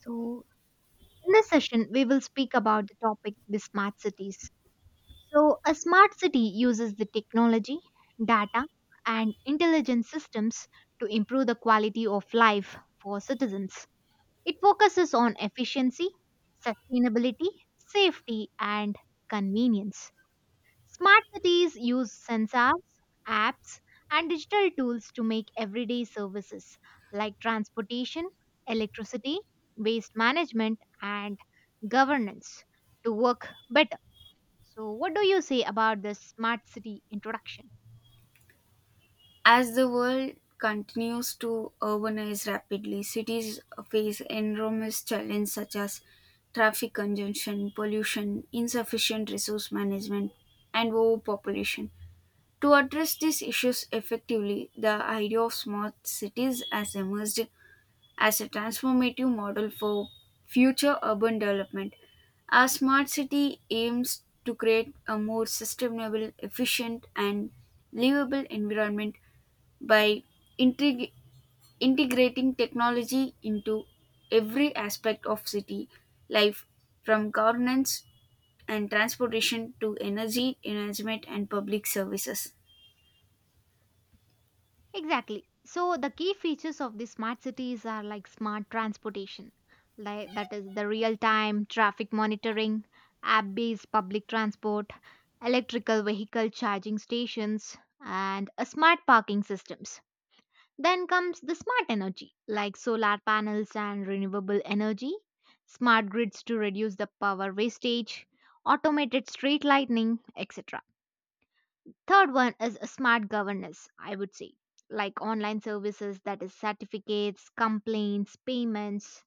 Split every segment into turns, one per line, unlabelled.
So, in this session, we will speak about the topic the smart cities. So, a smart city uses the technology, data, and intelligent systems to improve the quality of life for citizens. It focuses on efficiency, sustainability, safety, and convenience. Smart cities use sensors, apps, and digital tools to make everyday services like transportation, electricity, waste management, and governance to work better. So, what do you say about this smart city introduction?
As the world continues to urbanize rapidly, cities face enormous challenges such as traffic congestion, pollution, insufficient resource management, and overpopulation. To address these issues effectively, the idea of smart cities has emerged as a transformative model for future urban development. A smart city aims to create a more sustainable, efficient, and livable environment by integ- integrating technology into every aspect of city life, from governance and transportation to energy management and public services.
Exactly. So the key features of the smart cities are like smart transportation, like that is the real-time traffic monitoring, app-based public transport, electrical vehicle charging stations, and a smart parking systems. Then comes the smart energy, like solar panels and renewable energy, smart grids to reduce the power wastage, automated street lighting, etc. Third one is a smart governance, I would say, like online services that is certificates, complaints, payments,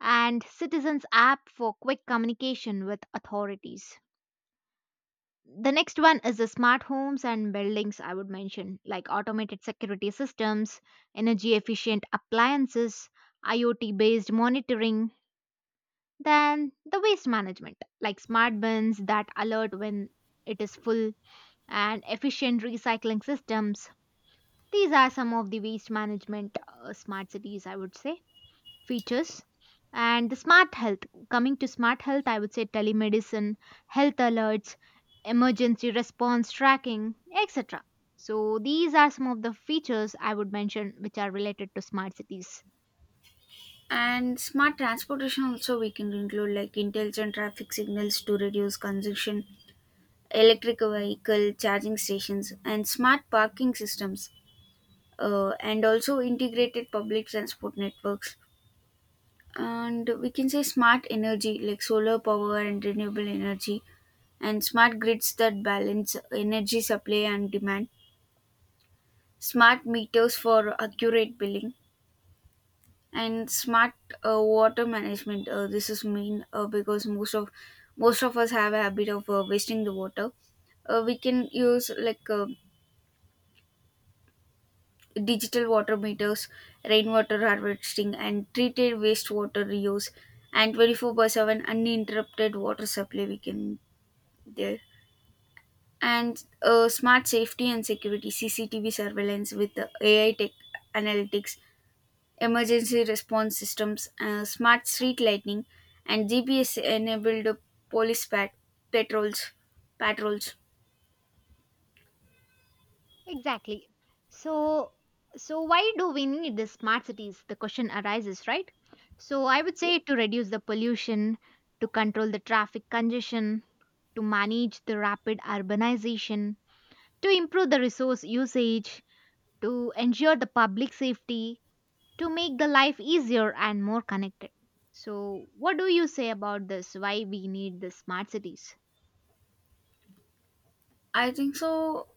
and citizens app for quick communication with authorities. The next one is the smart homes and buildings I would mention, like automated security systems, energy efficient appliances, IoT based monitoring, then the waste management, like smart bins that alert when it is full and efficient recycling systems. These are some of the waste management smart cities, I would say, features. And the smart health. Coming to smart health, I would say telemedicine, health alerts, emergency response tracking, etc. So, these are some of the features I would mention which are related to smart cities.
And smart transportation also we can include, like intelligent traffic signals to reduce congestion, electric vehicle charging stations, and smart parking systems, and also integrated public transport networks. And we can say smart energy, like solar power and renewable energy, and smart grids that balance energy supply and demand, smart meters for accurate billing, and smart water management. This is mean, because most of us have a habit of wasting the water. We can use like digital water meters, rainwater harvesting, and treated wastewater reuse, and 24 by 7 uninterrupted water supply we can there. And smart safety and security, CCTV surveillance with the AI tech analytics, emergency response systems, smart street lighting, and GPS enabled police pat- patrols patrols
Exactly. So, so why do we need the smart cities? The question arises, right? So, I would say to reduce the pollution, to control the traffic congestion, to manage the rapid urbanization, to improve the resource usage, to ensure the public safety, to make the life easier and more connected. So, what do you say about this? Why we need the smart cities.
I think so.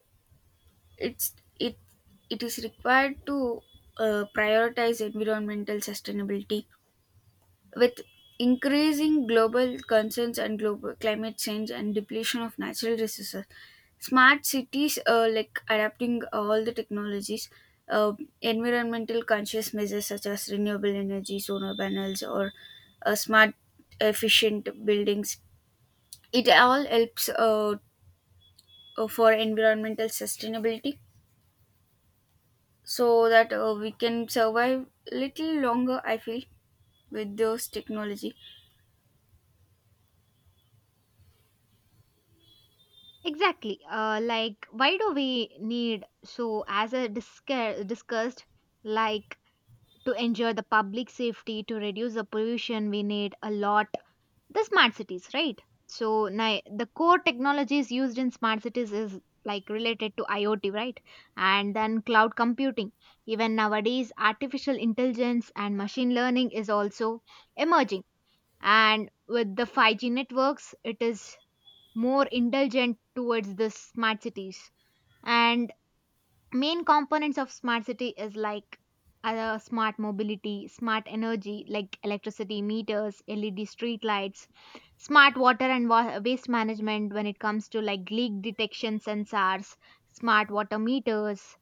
it's it it is required to prioritize environmental sustainability. With increasing global concerns and global climate change and depletion of natural resources, smart cities, like adapting all the technologies, uh, environmental conscious measures such as renewable energy, solar panels, or smart efficient buildings. It all helps for environmental sustainability, so that we can survive little longer, I feel, with those technology.
Exactly. Like, why do we need so as discussed, like to ensure the public safety, to reduce the pollution, we need a lot the smart cities, right? So the core technologies used in smart cities is like related to IoT, right? And then cloud computing, even nowadays artificial intelligence and machine learning is also emerging, and with the 5G networks it is more indulgent towards the smart cities. And main components of smart city is like smart mobility, smart energy like electricity meters, LED street lights, smart water and waste management when it comes to like leak detection sensors, smart water meters,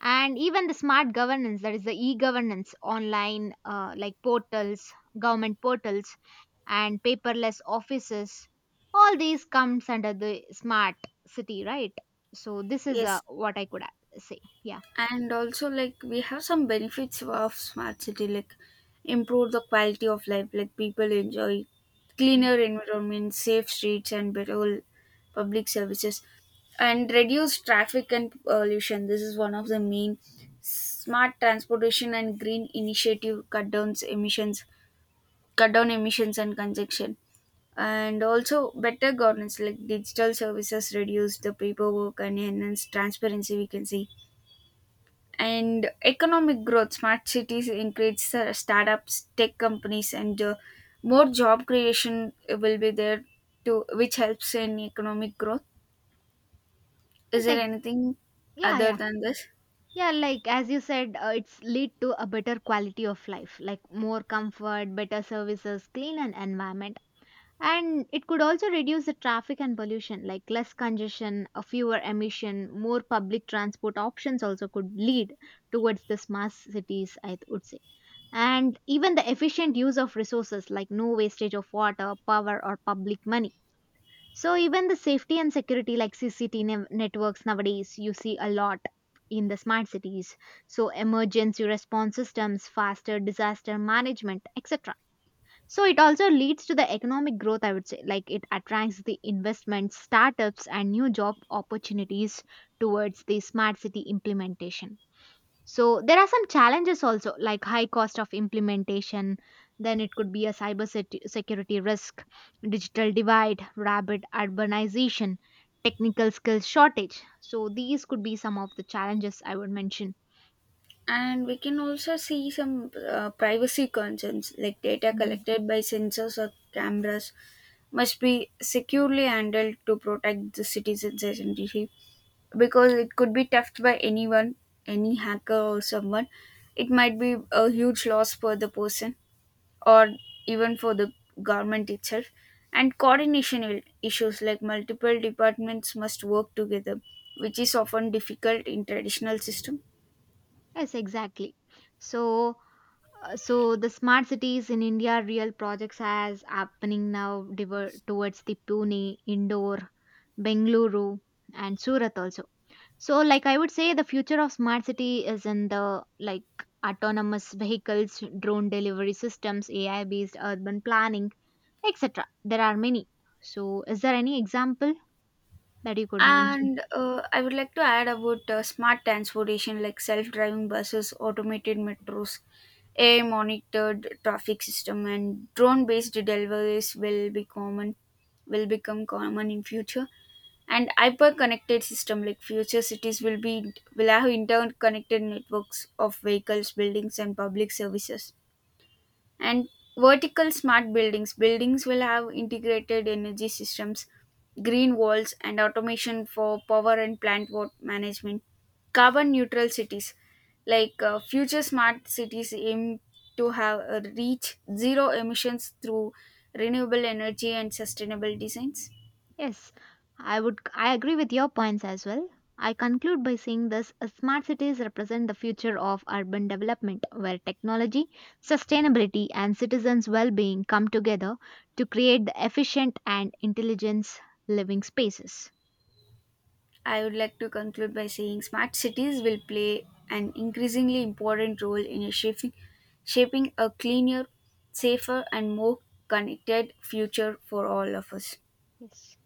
and even the smart governance, that is the e-governance online like portals, government portals, and paperless offices. All these comes under the smart city, right? So this is
Yes,
what I could say, yeah.
and also like we have some benefits of smart city, like improve the quality of life, like people enjoy
Mm.
cleaner environment, safe streets, and better public services. And reduce traffic and pollution, this is one of the main. Smart transportation and green initiative cut down emissions, cut down emissions and consumption. And also better governance, like digital services reduce the paperwork and enhance transparency, we can see. And economic growth, smart cities increase startups, tech companies, and more job creation will be there too, which helps in economic growth. Is
It's like,
there anything
yeah,
other
yeah.
than this?
Yeah, like as you said, it's lead to a better quality of life, like more comfort, better services, clean and environment. And it could also reduce the traffic and pollution, like less congestion, a fewer emission, more public transport options also could lead towards the smart cities, I would say. And even the efficient use of resources, like no wastage of water, power, or public money. So, even the safety and security, like CCT networks nowadays, you see a lot in the smart cities. So, emergency response systems, faster disaster management, etc. So it also leads to the economic growth, I would say. Like it attracts the investments, startups, and new job opportunities towards the smart city implementation. So there are some challenges also, like high cost of implementation. Then it could be a cyber security risk, digital divide, rapid urbanization, technical skills shortage. So these could be some of the challenges I would mention.
And we can also see some privacy concerns, like data
Mm.
collected by sensors or cameras must be securely handled to protect the citizens identity, because it could be theft by anyone, any hacker or someone. It might be a huge loss for the person, or even for the government itself. And coordination issues, like multiple departments must work together, which is often difficult in traditional system.
Yes, exactly. So so the smart cities in India real projects as happening now towards the Pune, Indore, Bengaluru and Surat also. So like I would say the future of smart city is in the like autonomous vehicles, drone delivery systems, AI based urban planning, etc. There are many. So is there any example that you could mention?
And I would like to add about smart transportation, like self driving buses, automated metros, AI monitored traffic system, and drone based deliveries will be common, will become common in future. And hyper connected system, like future cities will have interconnected networks of vehicles, buildings, and public services. And vertical smart buildings will have integrated energy systems, green walls, and automation for power and plant water management. Carbon neutral cities, like future smart cities aim to have reach zero emissions through renewable energy and sustainable designs.
Yes, I agree with your points as well. I conclude by saying this smart cities represent the future of urban development where technology, sustainability and citizens' well-being come together to create the efficient and intelligent living spaces.
I would like to conclude by saying smart cities will play an increasingly important role in shaping a cleaner, safer, and more connected future for all of us.
Yes.